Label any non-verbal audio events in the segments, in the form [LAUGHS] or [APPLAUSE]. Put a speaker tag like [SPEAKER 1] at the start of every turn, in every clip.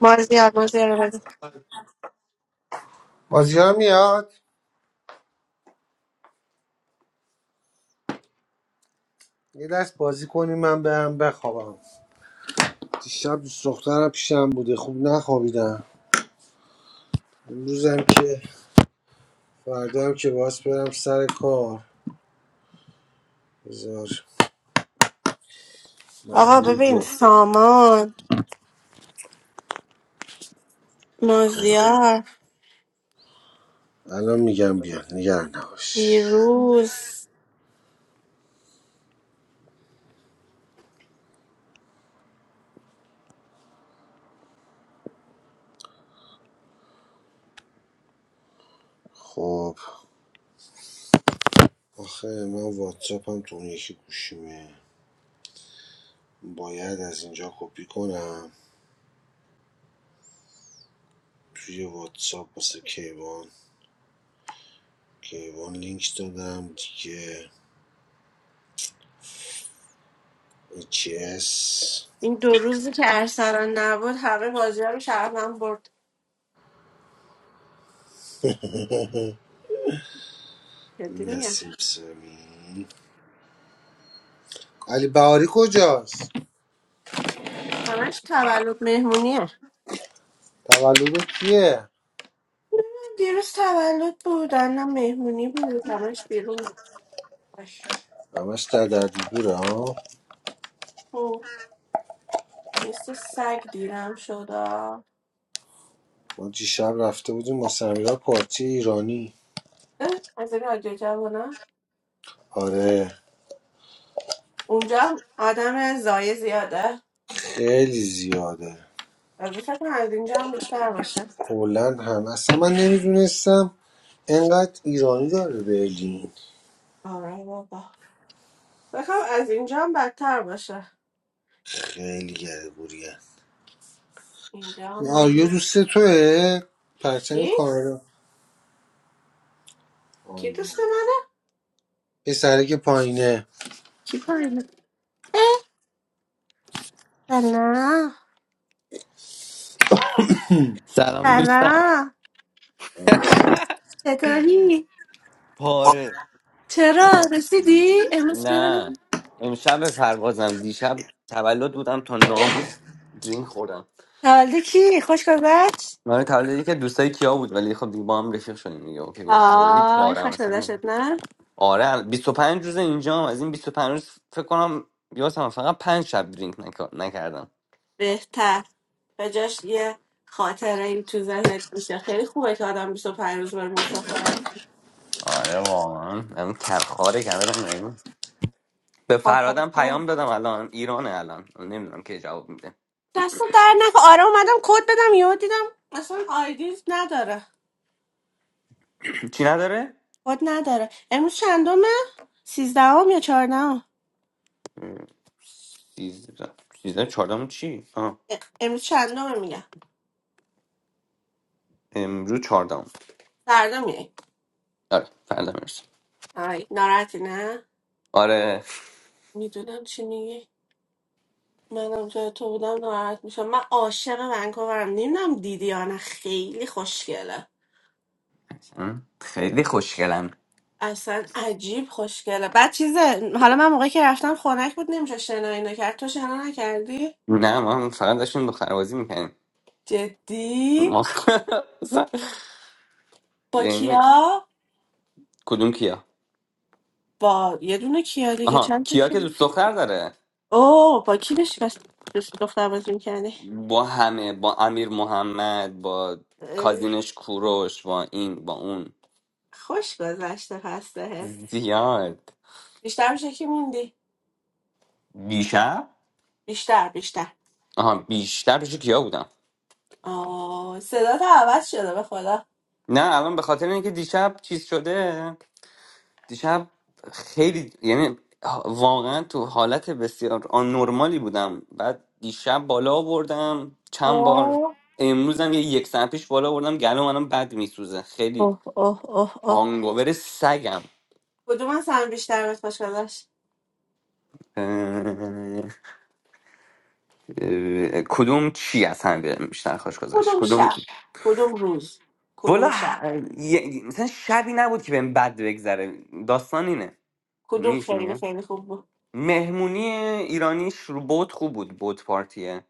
[SPEAKER 1] مازیار مازیار رو بده.
[SPEAKER 2] بازی ها میاد یه دست بازی کنیم من برم بخوابم دیشب دوست دخترم پیشم بوده خوب نخوابیدم امروزم که فردا هم که باز برم سر کار بذار
[SPEAKER 1] آقا
[SPEAKER 2] محلول
[SPEAKER 1] ببین
[SPEAKER 2] جو
[SPEAKER 1] سامان مازیار
[SPEAKER 2] الان میگم بیا نگران نباش
[SPEAKER 1] پیروز
[SPEAKER 2] خب آخه من واتساپم تو اون یکی گوشیمه باید از اینجا کپی کنم توی واتساپ واسه کیوان کیوان لینک دادم دیگه اچ اس
[SPEAKER 1] این دو روزی که ارسلان نبود همه بازی ها رو شهرم برد جدی میگم
[SPEAKER 2] نسیم سمی علی بهاری کجاست
[SPEAKER 1] همش تولد مهمونیه
[SPEAKER 2] تولد کیه
[SPEAKER 1] دیروز تولد بود الان مهمونی بود همش بیرون بود. باش
[SPEAKER 2] همش در دردی دوره ها
[SPEAKER 1] خب، مثل سگ دیرم شد آه.
[SPEAKER 2] ما دیشب رفته بودیم ما سمیرا پارتی ایرانی
[SPEAKER 1] اه، از این رادیو جوونا
[SPEAKER 2] آره
[SPEAKER 1] اونجا هم آدم زایه زیاده
[SPEAKER 2] خیلی زیاده
[SPEAKER 1] البته فکر کنم از اینجا هم بیشتر باشه
[SPEAKER 2] هلند هم اصلا من نمیدونستم انقدر ایرانی داره برلین
[SPEAKER 1] آره بابا بخوام از اینجا هم بدتر باشه
[SPEAKER 2] خیلی گربوریه
[SPEAKER 1] اینجا هم
[SPEAKER 2] این آریا
[SPEAKER 1] من
[SPEAKER 2] دوست توه پرچم
[SPEAKER 1] این
[SPEAKER 2] کانادا
[SPEAKER 1] کی
[SPEAKER 2] آریا
[SPEAKER 1] دوست منه
[SPEAKER 2] پسره که پایینه
[SPEAKER 1] کی پایینه اه، سلام
[SPEAKER 3] سلام دوستم
[SPEAKER 1] سلام چطوری
[SPEAKER 3] پاره
[SPEAKER 1] چرا
[SPEAKER 3] پا-
[SPEAKER 1] رسیدی
[SPEAKER 3] بیش.
[SPEAKER 1] امروز ببینم
[SPEAKER 3] نه امشب به پروازم دیشب تولد بودم تا ناموس درینک خوردم
[SPEAKER 1] تولد کی خوش گذشت
[SPEAKER 3] من تولدی که دوستای کیا بود ولی خب دیگه با هم رفیق شدیم دیگه اوکی بود. خیلی
[SPEAKER 1] آی
[SPEAKER 3] پارم
[SPEAKER 1] خوش
[SPEAKER 3] اصلا
[SPEAKER 1] گذشت نه
[SPEAKER 3] آره بیست و پنج روز اینجا از این بیست و پنج روز فکر کنم یادم فقط پنج شب درینک نکا- نکردم
[SPEAKER 1] بهتر به جاش یه خاطره این تو ذهنت میشه خیلی خوبه که آدم بیست و پنج روز بره مسافرت
[SPEAKER 3] آره واقعا اون کرخاره کردم به
[SPEAKER 1] خب پس
[SPEAKER 3] فرادم
[SPEAKER 1] تو-
[SPEAKER 3] پیام دادم الان ایرانه الان نمیدونم کی جواب میده
[SPEAKER 1] دست در نکن آره اومدم کد بدم یهو دیدم اصلا آیدی نداره
[SPEAKER 3] [CLEARS THROAT] چی نداره
[SPEAKER 1] خود نداره امروز چندمه سیزدهم یا چهاردهم
[SPEAKER 3] سیزده سیزده چهاردهم چی؟ آه.
[SPEAKER 1] امروز چندمه میگم
[SPEAKER 3] امروز چهاردهم
[SPEAKER 1] سردمیه
[SPEAKER 3] آره فردا میرسم
[SPEAKER 1] آی ناراحتی نه
[SPEAKER 3] آره
[SPEAKER 1] میدونم چی میگی منم جای تو بودم ناراحت میشم من عاشق ونکوورم نمیدونم دیدی یا نه خیلی خوشگله
[SPEAKER 3] م، خیلی خوشگلم
[SPEAKER 1] اصلا عجیب خوشگله بعد چیزه حالا من موقعی که رفتم خنک بود نمیشه شنا اینو کرد تو شنا نکردی
[SPEAKER 3] نه ما فقط داشتیم دختربازی میکنیم
[SPEAKER 1] جدی
[SPEAKER 3] ما [LAUGHS]
[SPEAKER 1] با
[SPEAKER 3] یعنی
[SPEAKER 1] کیا
[SPEAKER 3] کدوم کیا
[SPEAKER 1] با یه دونه کیا دیگه
[SPEAKER 3] آها
[SPEAKER 1] چند تا
[SPEAKER 3] کیا
[SPEAKER 1] کیا
[SPEAKER 3] که دوست دختر داره
[SPEAKER 1] اوه با کی داشتی بس بس- دختر بازی میکردی
[SPEAKER 3] با همه با امیر محمد با کازینش کوروش با این با اون
[SPEAKER 1] خوش گذشته پس بهت
[SPEAKER 3] زیاد
[SPEAKER 1] بیشتر میشه که موندی
[SPEAKER 3] دیشب
[SPEAKER 1] بیشتر بیشتر
[SPEAKER 3] آها بیشتر پیش کیا بودم
[SPEAKER 1] آه صدا عوض شده به خدا
[SPEAKER 3] نه الان به خاطر اینکه دیشب چیز شده دیشب خیلی یعنی واقعا تو حالت بسیار آن نرمالی بودم بعد دیشب بالا آوردم چند بار
[SPEAKER 1] اوه
[SPEAKER 3] امروزم یه یک ساعت پیش بالا آوردم گلو منم بد میسوزه خیلی
[SPEAKER 1] اوه اوه اوه اوه
[SPEAKER 3] هانگوور سگم
[SPEAKER 1] کدوم از هم بیشتر بهت خوش گذشت
[SPEAKER 3] اه، اه، کدوم چی از هم بهم بیشتر خوش گذشت
[SPEAKER 1] کدوم
[SPEAKER 3] کدوم
[SPEAKER 1] شب کدوم روز کدوم
[SPEAKER 3] والا
[SPEAKER 1] شب
[SPEAKER 3] ه- یه- مثلا شبی نبود که بهم بد بگذره داستان اینه
[SPEAKER 1] کدوم
[SPEAKER 3] میش
[SPEAKER 1] خیلی
[SPEAKER 3] میگه
[SPEAKER 1] خیلی خوب بود
[SPEAKER 3] مهمونی ایرانیش رو بوت خوب بود بوت پارتیه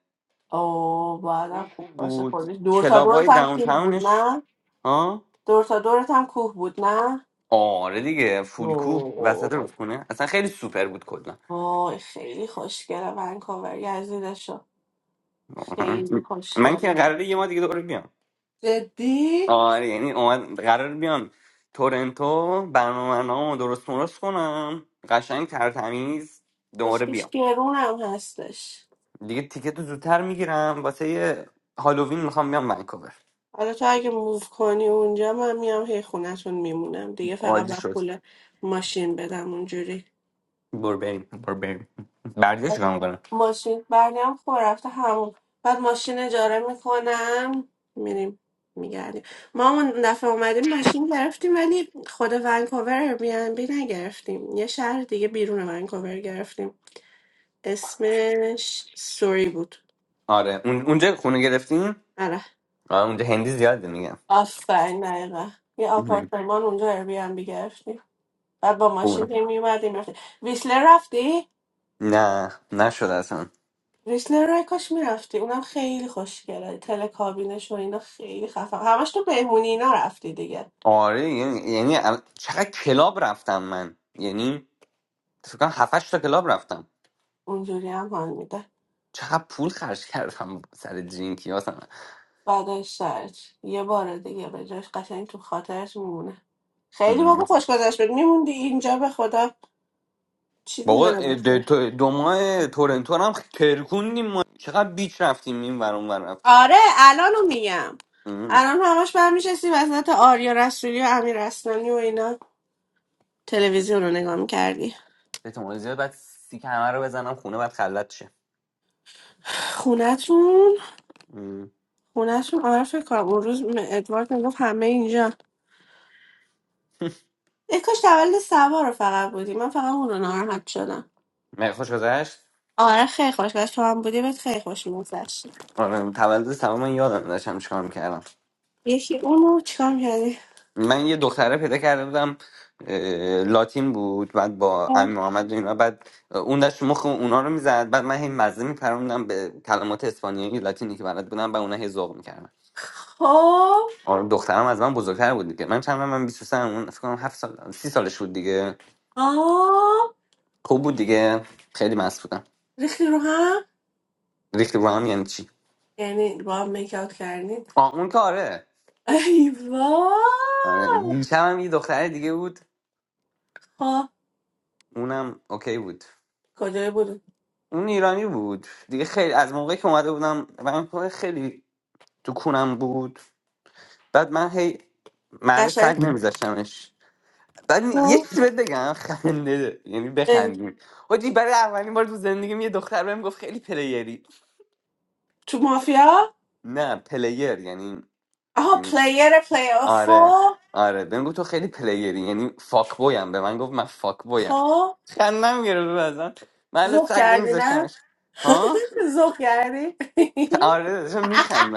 [SPEAKER 1] اوه باید
[SPEAKER 3] اون
[SPEAKER 1] هم خوب
[SPEAKER 3] خوب
[SPEAKER 1] باشه
[SPEAKER 3] بود
[SPEAKER 1] خودش دور تا دورت
[SPEAKER 3] کلابای
[SPEAKER 1] هم
[SPEAKER 3] داون
[SPEAKER 1] کوه بود
[SPEAKER 3] تاونش
[SPEAKER 1] نه
[SPEAKER 3] ها
[SPEAKER 1] دور تا دورت هم کوه بود
[SPEAKER 3] آره دیگه فولکو
[SPEAKER 1] نه
[SPEAKER 3] وسط رودخونه اصلا خیلی سوپر بود کلا
[SPEAKER 1] آی خیلی خوشگله ونکوور یزیدشو
[SPEAKER 3] [LAUGHS]
[SPEAKER 1] خیلی
[SPEAKER 3] من که
[SPEAKER 1] خوشگله
[SPEAKER 3] قراره یه ما دیگه دوباره بیام
[SPEAKER 1] جدی
[SPEAKER 3] آره یعنی اومد قرار بیام تورنتو برنامه درست مرست کنم قشنگ ترتمیز دوباره
[SPEAKER 1] کسکش
[SPEAKER 3] بیام
[SPEAKER 1] گرون هم هستش
[SPEAKER 3] دیگه تیکت رو زودتر میگیرم واسه یه هالووین میخوام بیام ونکوور
[SPEAKER 1] حالا تو اگه موو کنی اونجا من میام هی خونتون میمونم دیگه فقط
[SPEAKER 3] عادی
[SPEAKER 1] بر
[SPEAKER 3] شد
[SPEAKER 1] پول ماشین بدم اونجوری
[SPEAKER 3] برو بریم برو بریم بردیش کنم کنم
[SPEAKER 1] ماشین برنیم خور رفته همون بعد ماشین اجاره میکنم میریم میگردیم ما اون دفعه اومدیم ماشین گرفتیم ولی خود ونکوور بی نگرفتیم یه شهر دیگه بیرون ونکوور گرفتیم اسمش سوری بود
[SPEAKER 3] آره اون- اونجا خونه گرفتیم
[SPEAKER 1] آره
[SPEAKER 3] آره اونجا هندی زیاده میگم
[SPEAKER 1] آفرین دقیقا یه آپارتمان اونجا ایر بی ام بی گرفتیم بعد با ماشین
[SPEAKER 3] خوبه.
[SPEAKER 1] هی میومدیم رفتیم ویسلر رفتی؟
[SPEAKER 3] نه نشد اصلا
[SPEAKER 1] ویسلر رای کاش میرفتی اونم خیلی خوشگله تلکابینش و اینا خیلی خفن همش تو بهمونی اینا رفتی دیگه
[SPEAKER 3] آره یعنی یعنی ال- چقدر کلاب رفتم من یعنی فکر کنم 7 تا کلاب رفتم
[SPEAKER 1] اونجوری هم حال میده
[SPEAKER 3] چقدر پول خرج کردم سر درینکی اصلا
[SPEAKER 1] بعدش سرت یه بار دیگه به جاش قشنگ تو خاطرش میمونه خیلی واقعا
[SPEAKER 3] ام.
[SPEAKER 1] خوش گذشت بود میموندی اینجا به خدا چیزی
[SPEAKER 3] بابا
[SPEAKER 1] نبود
[SPEAKER 3] د- تو- دو ماه تورنتو رو هم ترکوندیم ما چقدر بیچ رفتیم این ور اون ور رفتیم
[SPEAKER 1] آره الانو میگم
[SPEAKER 3] ام.
[SPEAKER 1] الان همش برمیشستی وسط آریا رسولی و امیر رسولانی و اینا
[SPEAKER 3] آره.
[SPEAKER 1] تلویزیون رو نگاه میکردی
[SPEAKER 3] به زیاد بعد سیک همه رو بزنم خونه بعد خلط شه
[SPEAKER 1] خونتون
[SPEAKER 3] ام.
[SPEAKER 1] خونتون آره فکر کنم اون روز م- ادوارد میگفت همه اینجا ای کاش تولد سبا رو فقط بودی من فقط اون رو ناراحت شدم
[SPEAKER 3] مگه خوش گذشت
[SPEAKER 1] آره خیلی خوش گذشت تو هم بودی بهت خیلی خوش میگذشت
[SPEAKER 3] آره تولد سلام من یادم داشتم چیکار میکردم
[SPEAKER 1] یکی اونو چیکار میکردی
[SPEAKER 3] من یه دختره پیدا کرده بودم اه، لاتین بود بعد با امین محمد و اینا بعد اون داشت مخ اونا رو میزد بعد من هی مزه میپروندم به کلمات اسپانیایی لاتینی که بلد بودم و اونا هی ذوق میکردن
[SPEAKER 1] خب
[SPEAKER 3] آره دخترم از من بزرگتر بود دیگه من چند من 23 اون فکر کنم هفت سال 30 سالش بود دیگه
[SPEAKER 1] آه
[SPEAKER 3] خوب بود دیگه خیلی مست بودم
[SPEAKER 1] ریختی رو هم
[SPEAKER 3] ریختی با هم یعنی چی
[SPEAKER 1] یعنی با هم میک آوت کردین
[SPEAKER 3] آه اون که آره
[SPEAKER 1] ای
[SPEAKER 3] آره.
[SPEAKER 1] وای.
[SPEAKER 3] دیشبم یه دختر دیگه بود
[SPEAKER 1] خب.
[SPEAKER 3] اونم اوکی بود
[SPEAKER 1] کجای بود
[SPEAKER 3] اون ایرانی بود دیگه خیلی از موقعی که اومده بودم من خیلی تو کونم بود بعد من هی محل
[SPEAKER 1] قشنگ
[SPEAKER 3] سگ نمیذاشتمش بعد می- یه
[SPEAKER 1] خب
[SPEAKER 3] چیزی بهت بگم [LAUGHS] خنده داره. یعنی
[SPEAKER 1] اه،
[SPEAKER 3] بخندیم حاجی برای اولین بار تو زندگیم یه دختر بهم گفت خیلی پلیری
[SPEAKER 1] تو مافیا
[SPEAKER 3] نه پلیر یعنی
[SPEAKER 1] آها
[SPEAKER 3] یعنی-
[SPEAKER 1] پلیر پلیر
[SPEAKER 3] آره
[SPEAKER 1] خب
[SPEAKER 3] آره بهم گفت تو خیلی پلیری یعنی فاک بویم به من گرفت من فاک بویم
[SPEAKER 1] خب
[SPEAKER 3] خندم گرفت ازم محل
[SPEAKER 1] زخ
[SPEAKER 3] سگ
[SPEAKER 1] کردی نه
[SPEAKER 3] نمیذاشتمش
[SPEAKER 1] [LAUGHS]
[SPEAKER 3] ها
[SPEAKER 1] زخ کردی
[SPEAKER 3] آره داشتم میخندیم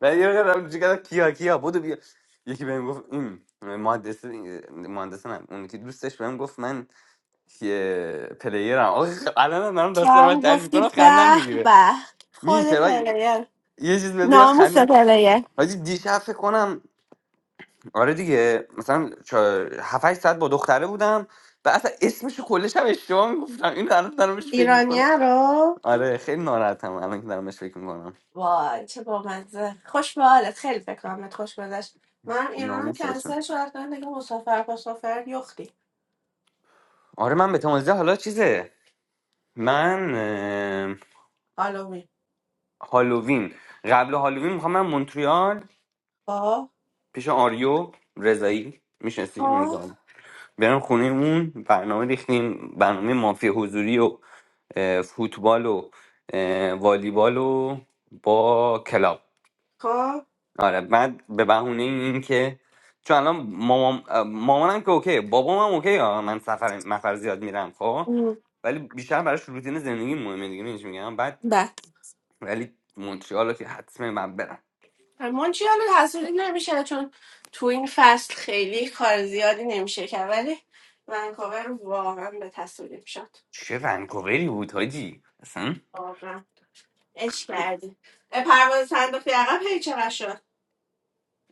[SPEAKER 3] ولی یه وقت رفتم چیکار کیا کیا بودو بیا یکی بهم گفت این مهندس مهندس نه اون که دوستش بهم گفت من یه پلیرم آخه خ- الان هم دارم
[SPEAKER 1] [LAUGHS]
[SPEAKER 3] داستان رو
[SPEAKER 1] کم
[SPEAKER 3] تعریف
[SPEAKER 1] گفتی
[SPEAKER 3] میکنم
[SPEAKER 1] به
[SPEAKER 3] خندم میگیره
[SPEAKER 1] به خود
[SPEAKER 3] میشه ولی
[SPEAKER 1] پلیر
[SPEAKER 3] یه چیز بهت بگم
[SPEAKER 1] ناموس
[SPEAKER 3] خندم
[SPEAKER 1] پلیر
[SPEAKER 3] حاجی دیشب فکر کنم آره دیگه مثلا چه هفت هشت ساعت با دختره بودم و اصلا اسمشو کلش هم اشتباه میگفتم این الان دارم بهش فکر میکنم
[SPEAKER 1] ایرانیه رو
[SPEAKER 3] آره خیلی ناراحتم الان که دارم بهش فکر میکنم
[SPEAKER 1] وای چه بامزه خوش به حالت خیلی فکر کنم بهت خوش گذشت من ایران رو
[SPEAKER 3] ناموسش
[SPEAKER 1] کنسل شدم کردم دیگه مسافر مسافر یختی
[SPEAKER 3] آره من به تمازده حالا چیزه من اه،
[SPEAKER 1] هالووین
[SPEAKER 3] هالووین قبل هالووین میخوام من مونتریال
[SPEAKER 1] خب
[SPEAKER 3] پیش آریو رضایی میشناسی اونی که
[SPEAKER 1] خب
[SPEAKER 3] آریو. برم خونه اون برنامه ریختیم برنامه مافی حضوری و اه، فوتبال و اه، والیبال و با کلاب
[SPEAKER 1] خب
[SPEAKER 3] آره بعد به بهونه این که چون الان مامان مامانم که اوکی بابام هم اوکی ها من سفر مفر زیاد میرم خب
[SPEAKER 1] ام.
[SPEAKER 3] ولی بیشتر براش روتین زندگی مهمه دیگه میگم بعد
[SPEAKER 1] بله
[SPEAKER 3] ولی مونترال که حتما من برم
[SPEAKER 1] منچی حالا حسودی نمیشه چون تو این فصل خیلی کار زیادی نمیشه کرد ولی ونکوور رو واقعا به تصویل شد
[SPEAKER 3] چه ونکووری بود حاجی اصلا
[SPEAKER 1] واقعا اش کردی اه، پرواز صندوقی عقب هی چقدر شد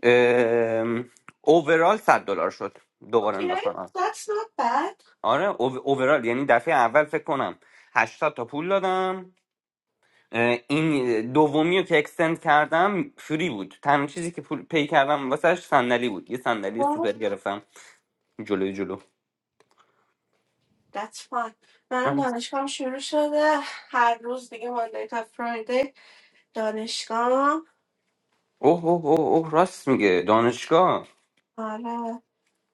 [SPEAKER 3] ام، اوورال 100 دلار شد دوباره
[SPEAKER 1] okay.
[SPEAKER 3] انداختم
[SPEAKER 1] that's not bad
[SPEAKER 3] آره او- اوورال یعنی دفعه اول فکر کنم 80 تا پول دادم اه، این دومی رو که اکستند کردم فری بود تنها چیزی که پول پی کردم واسهش صندلی بود یه صندلی
[SPEAKER 1] oh,
[SPEAKER 3] سوپر گرفتم جلوی جلو
[SPEAKER 1] that's fine منم
[SPEAKER 3] آه
[SPEAKER 1] دانشگاهم شروع شده هر روز دیگه ماندی تا فرایدی دانشگاهم
[SPEAKER 3] اوه اوه اوه اوه راست میگه دانشگاه
[SPEAKER 1] آره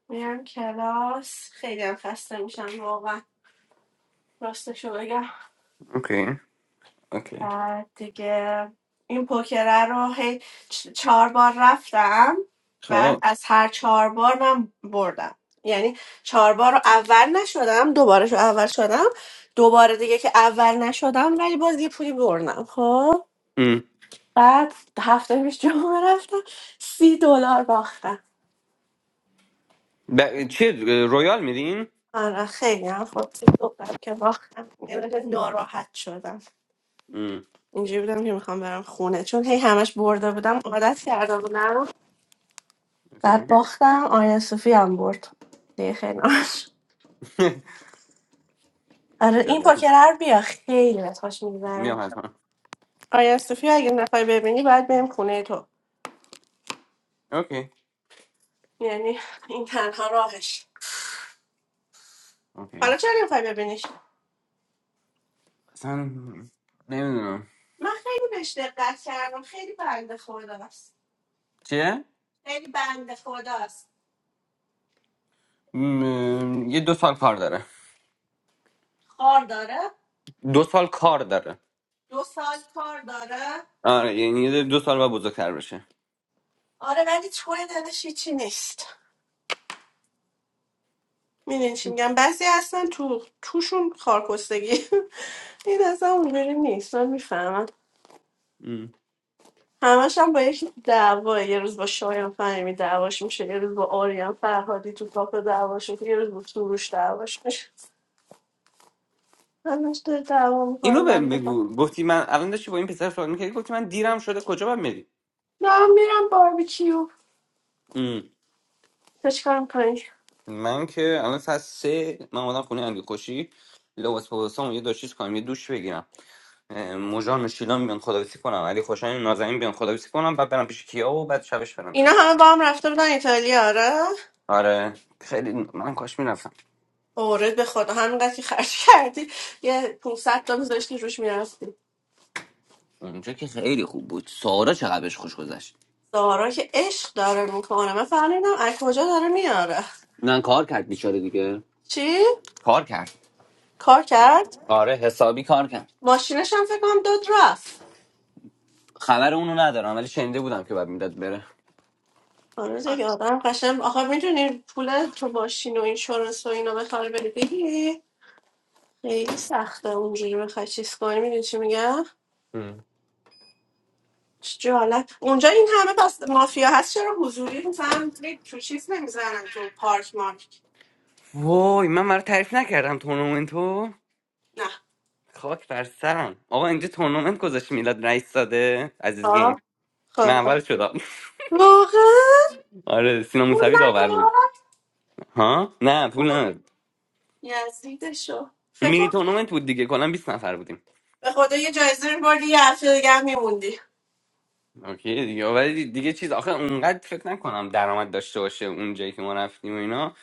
[SPEAKER 1] میرم کلاس خیلی هم خسته میشم واقعا راستشو بگم
[SPEAKER 3] اوکی اوکی
[SPEAKER 1] بعد دیگه این پوکره رو هی چ- چهار بار رفتم بعد
[SPEAKER 3] خب
[SPEAKER 1] از هر چهار بار من بردم یعنی چهار بار رو اول نشدم دوباره شو اول شدم دوباره دیگه که اول نشدم ولی باز یه پولی بردم خب
[SPEAKER 3] ام.
[SPEAKER 1] بعد هفته پیش جمعه رفتم سی دلار باختم
[SPEAKER 3] ب... چیه رویال میرین
[SPEAKER 1] آره خیلی هم خب سی دلار که باختم یه مقدار ناراحت شدم
[SPEAKER 3] Mm,
[SPEAKER 1] اینجوری بودم که میخوام برم خونه چون هی همش برده بودم عادت کرده بودم بعد
[SPEAKER 3] okay.
[SPEAKER 1] باختم آریا صوفی هم برد دیگه خیلی ناراحت شدم.
[SPEAKER 3] [LAUGHS]
[SPEAKER 1] آره
[SPEAKER 3] Cioè,
[SPEAKER 1] این
[SPEAKER 3] la-
[SPEAKER 1] پوکر هر بیا خیلی بهت خوش
[SPEAKER 3] mia
[SPEAKER 1] میگذره
[SPEAKER 3] fatto.
[SPEAKER 1] آریا صوفی رو اگه نخوای ببینی باید بریم خونه تو
[SPEAKER 3] Ok,
[SPEAKER 1] یعنی این تنها راهش
[SPEAKER 3] ok.
[SPEAKER 1] حالا چرا نمیخوای ببینیش
[SPEAKER 3] اصلا نمیدونم
[SPEAKER 1] من خیلی بهش دقت کردم خیلی بنده خداست
[SPEAKER 3] چیه؟
[SPEAKER 1] خیلی بنده خداست
[SPEAKER 3] م، یه دو سال کار داره
[SPEAKER 1] کار داره
[SPEAKER 3] دو سال کار داره
[SPEAKER 1] دو سال کار داره
[SPEAKER 3] آره یعنی یه دو سال و بزرگتر بشه
[SPEAKER 1] آره ولی چون دلش هیچی نیست میدونی چی میگم بعضی هستن تو توشون خارکستگی [LAUGHS] این اصلا اونجوری نیست من میفهمم
[SPEAKER 3] م.
[SPEAKER 1] همش هم با یکی دعوا یه روز با شایان فهمی دعواش میشه یه روز با آریان فرهادی تو کاپ دعواش میشه یه روز با سروش دعواش میشه همش داره دعوا میکنه
[SPEAKER 3] اینو بهم
[SPEAKER 1] من خدا
[SPEAKER 3] بگو گفتی من الان داشتی با این پسر سوال میکردی گفتی من دیرم شده کجا باید میری
[SPEAKER 1] نه من میرم باربیکیو
[SPEAKER 3] م.
[SPEAKER 1] تو چیکار میکنی
[SPEAKER 3] من که الان ساعت سه من اومدم خونه امیر خوشی لباس پوسام یه دو چیز کنم یه دوش بگیرم موژان و شیلان بیان خداویسی کنم علی خوشایند نازنین بیان خداویسی کنم بعد برم پیش کیا و بعد شبش برم
[SPEAKER 1] اینا
[SPEAKER 3] چیز
[SPEAKER 1] همه با هم رفته بودن ایتالیا آره
[SPEAKER 3] آره خیلی من کاش میرفتم
[SPEAKER 1] اورد به خدا همینقدر که خرج کردی یه 500 تا میذاشتی روش میرفتی
[SPEAKER 3] اونجا که خیلی خوب بود سارا چقدر بهش خوش گذشت
[SPEAKER 1] زارا که عشق داره میکنه من فهمیدم از کجا داره میاره
[SPEAKER 3] من کار کرد بیچاره دیگه
[SPEAKER 1] چی
[SPEAKER 3] کار کرد
[SPEAKER 1] کار کرد
[SPEAKER 3] آره حسابی کار کرد
[SPEAKER 1] ماشینش هم فکر کنم داد رفت
[SPEAKER 3] خبر اونو ندارم ولی شنیده بودم که بعد میداد بره
[SPEAKER 1] آره دیگه آدم قشنگ آخه میدونی پول تو ماشین و اینشورنس و اینا بخوای بری بگیری خیلی سخته اونجوری بخوای چیز کنی میدونی چی میگم
[SPEAKER 3] ام.
[SPEAKER 1] چه جالب اونجا این همه پس مافیا هست چرا حضوری مثلا دیگه تو چیز نمیزنن تو پارک مارک
[SPEAKER 3] وای من مرا تعریف نکردم تورنمنتو
[SPEAKER 1] نه
[SPEAKER 3] خاک بر سرم آقا اینجا تورنمنت گذاشت میلاد رئیس ساده عزیز
[SPEAKER 1] آه
[SPEAKER 3] گیم من
[SPEAKER 1] خب خب.
[SPEAKER 3] اول شدم [LAUGHS]
[SPEAKER 1] واقعا
[SPEAKER 3] آره سینا
[SPEAKER 1] پول
[SPEAKER 3] موسوی داور بود
[SPEAKER 1] ندار
[SPEAKER 3] ها نه پول نداد
[SPEAKER 1] یزیدشو فکر
[SPEAKER 3] مینی
[SPEAKER 1] کن
[SPEAKER 3] تورنمنت بود دیگه کلا بیست نفر بودیم
[SPEAKER 1] به خدا یه جایزه میبردی یه هفته دیگه هم میموندی
[SPEAKER 3] اوکی دیگه ولی دیگه چیز آخه اونقدر فکر نکنم درآمد داشته باشه اون جایی که ما رفتیم و اینا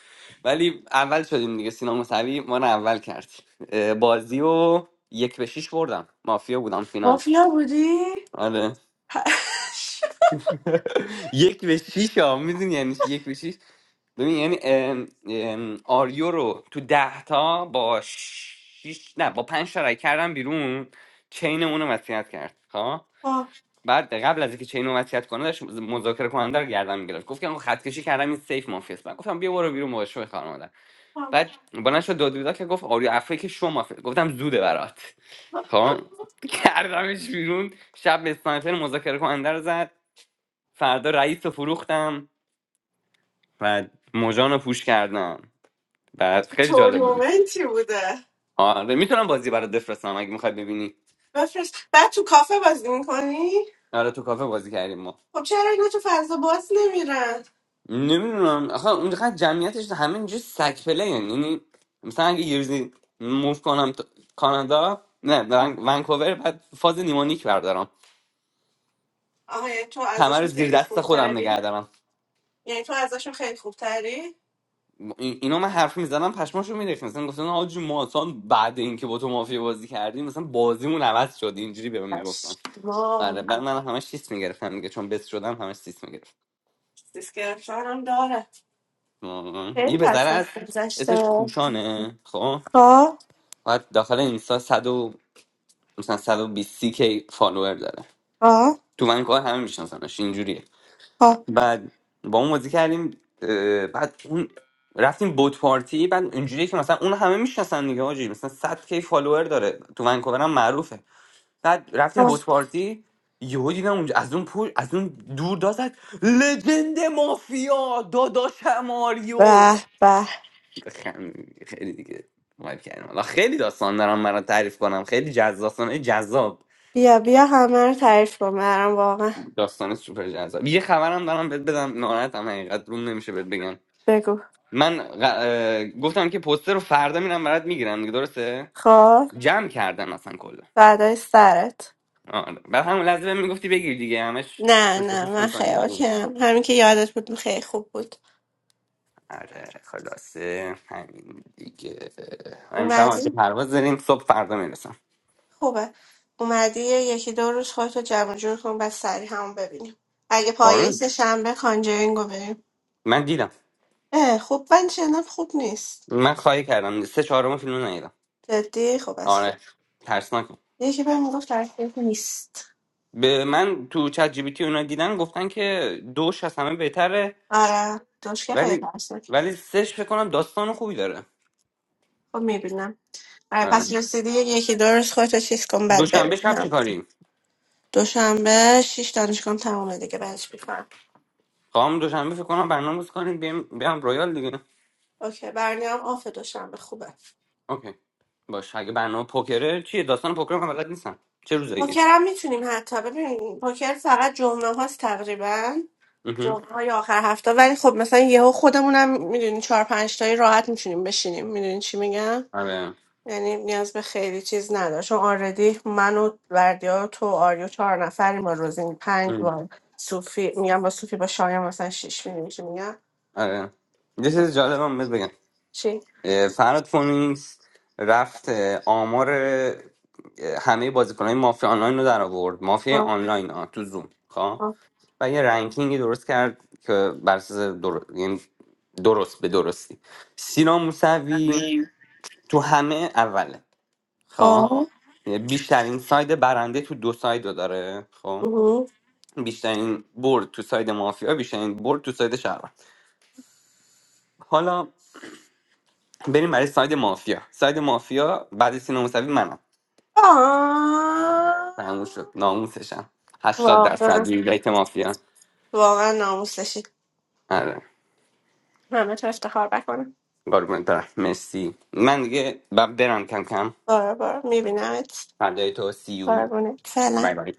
[SPEAKER 3] ولی اول شدیم دیگه سینا موسوی ما رو اول کرد اه، بازی و یک به شیش بردم مافیا بودم فینال
[SPEAKER 1] مافیا بودی
[SPEAKER 3] آره
[SPEAKER 1] [LAUGHS]
[SPEAKER 3] [LAUGHS] یک به شیش ها میدونی یعنی چی؟ یک به شیش ببین یعنی ام، ام، آریو رو تو ده تا با شیش نه با پنج تا رای کردم بیرون چین اونو وصیت کرد خب؟
[SPEAKER 1] آه.
[SPEAKER 3] بعد قبل از اینکه چینو وصیت کنه داشت مذاکره کننده رو گردن میگرفت گفت که آقا خط کشی کردم این سیف مافیاست. من گفتم بیا برو بیرون باشه به خانم بعد بلند شد داد بیداد که گفت آریو افری که شما مافیاس گفتم زوده برات خان کردمش بیرون شب به اسنایپر مذاکره کننده رو زد فردا رئیس رو فروختم و مژان رو پوش کردم بعد خیلی جالب بود
[SPEAKER 1] تورنمنتی بوده
[SPEAKER 3] آره میتونم بازی برات بفرستم اگه میخواد ببینی
[SPEAKER 1] بفرست بعد تو کافه بازی میکنی؟
[SPEAKER 3] آره تو کافه بازی کردیم ما
[SPEAKER 1] خب چرا اینا تو فضا باز نمیرن؟
[SPEAKER 3] نمیدونم آخه اونقدر جمعیتش همه اینجا سگ پله یعنی مثلا اگه یه روزی موف کنم تا- کانادا نه ون- ونکوور بعد فاز نیمونیک بردارم
[SPEAKER 1] آها یعنی تو
[SPEAKER 3] همه رو
[SPEAKER 1] ازشون
[SPEAKER 3] زیر
[SPEAKER 1] خیلی
[SPEAKER 3] دست خودم نگه
[SPEAKER 1] خوبتری؟
[SPEAKER 3] دارم
[SPEAKER 1] یعنی تو ازشون خیلی خوبتری؟
[SPEAKER 3] این- اینو من حرف میزدم پشماشو میریخت مثلا گفتن آجی ما اصلا بعد اینکه با تو مافیا بازی کردیم مثلا بازیمون عوض شد اینجوری به من میگفتن آره
[SPEAKER 1] وام
[SPEAKER 3] بعد من همش سیس میگرفتم دیگه چون بس شدم همش سیس میگرفت
[SPEAKER 1] دیسکرپشن هم داره خیلی
[SPEAKER 3] یه بذره
[SPEAKER 1] پس از
[SPEAKER 3] از
[SPEAKER 1] گذشته
[SPEAKER 3] اسمش کوشانه خب
[SPEAKER 1] خب
[SPEAKER 3] بعد داخل اینستا مثلا 120 کی فالوور داره
[SPEAKER 1] خب
[SPEAKER 3] تو ونکوور همه میشناسنش اینجوریه
[SPEAKER 1] خب
[SPEAKER 3] بعد با اون بازی کردیم اه، بعد اون رفتیم بوت پارتی بعد اینجوریه که مثلا اون همه میشناسن دیگه آجی مثلا 100 کی فالوور داره تو ونکوور هم معروفه بعد رفتیم
[SPEAKER 1] خب.
[SPEAKER 3] بوت پارتی یهو دیدم اونجا از اون پول از اون دور داد زد، لجند مافیا داداش ماریو
[SPEAKER 1] به به
[SPEAKER 3] خم- خیلی دیگه وایب کردیم حالا خیلی داستان دارم برات تعریف کنم خیلی جذاب داستانای جذاب
[SPEAKER 1] بیا بیا همه رو تعریف کن برام واقعا
[SPEAKER 3] داستان سوپر جذاب یه خبرم دارم بهت بدم ناراحتم حقیقت روم نمیشه بهت بگم
[SPEAKER 1] بگو
[SPEAKER 3] من غ- اه، گفتم که پوستر رو فردا میرم برات میگیرم دیگه درسته
[SPEAKER 1] خب
[SPEAKER 3] جمع کردم اصلا کلا
[SPEAKER 1] فدای سرت
[SPEAKER 3] آره بعد همون لحظه بهم میگفتی بگیر دیگه همش
[SPEAKER 1] نه نه
[SPEAKER 3] چشم‌پوست
[SPEAKER 1] من خیلی
[SPEAKER 3] می‌کنی دیگه.
[SPEAKER 1] اوکیم همین که یادت بود خیلی خوب بود
[SPEAKER 3] آره خلاصه همین دیگه امشب هم که
[SPEAKER 1] اومدی
[SPEAKER 3] پرواز داریم صبح فردا میرسم
[SPEAKER 1] خوبه اومدی یه یکی دو روز خودتو جمع جور کن بعد سریع همون ببینیم اگه پایه
[SPEAKER 3] آره
[SPEAKER 1] سه شنبه کانجرینگو بریم
[SPEAKER 3] من دیدم
[SPEAKER 1] اه خوب من شنم خوب نیست
[SPEAKER 3] من خواهی کردم سه چهارم فیلم رو ندیدم
[SPEAKER 1] جدی خوب از خوب
[SPEAKER 3] آره ترسناک
[SPEAKER 1] یکی بهم میگفت ترسناک نیست
[SPEAKER 3] به من تو چت جی پی تی اونا دیدن گفتن که دوش از همه بهتره
[SPEAKER 1] آره دوشکه خیلی
[SPEAKER 3] ولی
[SPEAKER 1] ترسناک
[SPEAKER 3] ولی سش فکر کنم داستان خوبی داره
[SPEAKER 1] خب میبینم آره پس
[SPEAKER 3] آره.
[SPEAKER 1] رسیدی یکی دو روز خودتو چیز کن بعد
[SPEAKER 3] دوشنبه شب چه
[SPEAKER 1] ببینم
[SPEAKER 3] کاریم
[SPEAKER 1] دوشنبه شیش دانشگاه تمومه دیگه بعدش میکنم
[SPEAKER 3] خواهم دوشنبه فکر کنم برنامه بازی کنیم بیام بیام رویال دیگه
[SPEAKER 1] اوکی برنامه آف دوشنبه خوبه
[SPEAKER 3] اوکی باش اگه برنامه پوکره چیه داستان پوکر من بلد نیستم چه روزاییه
[SPEAKER 1] پوکر هم میتونیم حتی ببین پوکر فقط جمعه هاست تقریبا
[SPEAKER 3] مهم.
[SPEAKER 1] جمعه های آخر هفته ولی خب مثلا یهو خودمونم میدونی چهار پنج تایی راحت میتونیم بشینیم میدونی چی میگم
[SPEAKER 3] آره
[SPEAKER 1] یعنی نیاز به خیلی چیز نداره چون آردی من و بردیا و تو و آریو چهار نفریم با روزین پنج
[SPEAKER 3] ام.
[SPEAKER 1] با صوفی میگم با صوفی با شایان مثلا شیش میدونی چی میگم
[SPEAKER 3] آره یه چیز جالب هم بهت بگم
[SPEAKER 1] چی
[SPEAKER 3] اه، فراد فونینگز رفت اه، آمار اه، همه بازیکنهای مافیا آنلاین رو در آورد مافیا
[SPEAKER 1] آه،
[SPEAKER 3] آنلاین ها تو زوم خب
[SPEAKER 1] آه.
[SPEAKER 3] و یه رنکینگی درست کرد که بر اساس در... یعنی درست به درستی سینا موسوی تو همه اوله خب
[SPEAKER 1] خب
[SPEAKER 3] یعنی بیشترین ساید برنده تو دو ساید رو داره خب
[SPEAKER 1] اوه.
[SPEAKER 3] بیشترین برد تو ساید مافیا بیشترین برد تو ساید شهروند حالا بریم برای ساید مافیا ساید مافیا بعد سینا موسوی منم
[SPEAKER 1] آه.
[SPEAKER 3] تموم شد ناموسشم هشتاد
[SPEAKER 1] واقعا
[SPEAKER 3] درصد وی بیت مافیا
[SPEAKER 1] واقعا ناموسش
[SPEAKER 3] آره
[SPEAKER 1] همه تو افتخار بکنم
[SPEAKER 3] قربونت برم مرسی من دیگه ب- برم کم کم
[SPEAKER 1] بارا بارا میبینمت
[SPEAKER 3] فردای تو سی یو.
[SPEAKER 1] قربونت فعلا
[SPEAKER 3] Bye bye.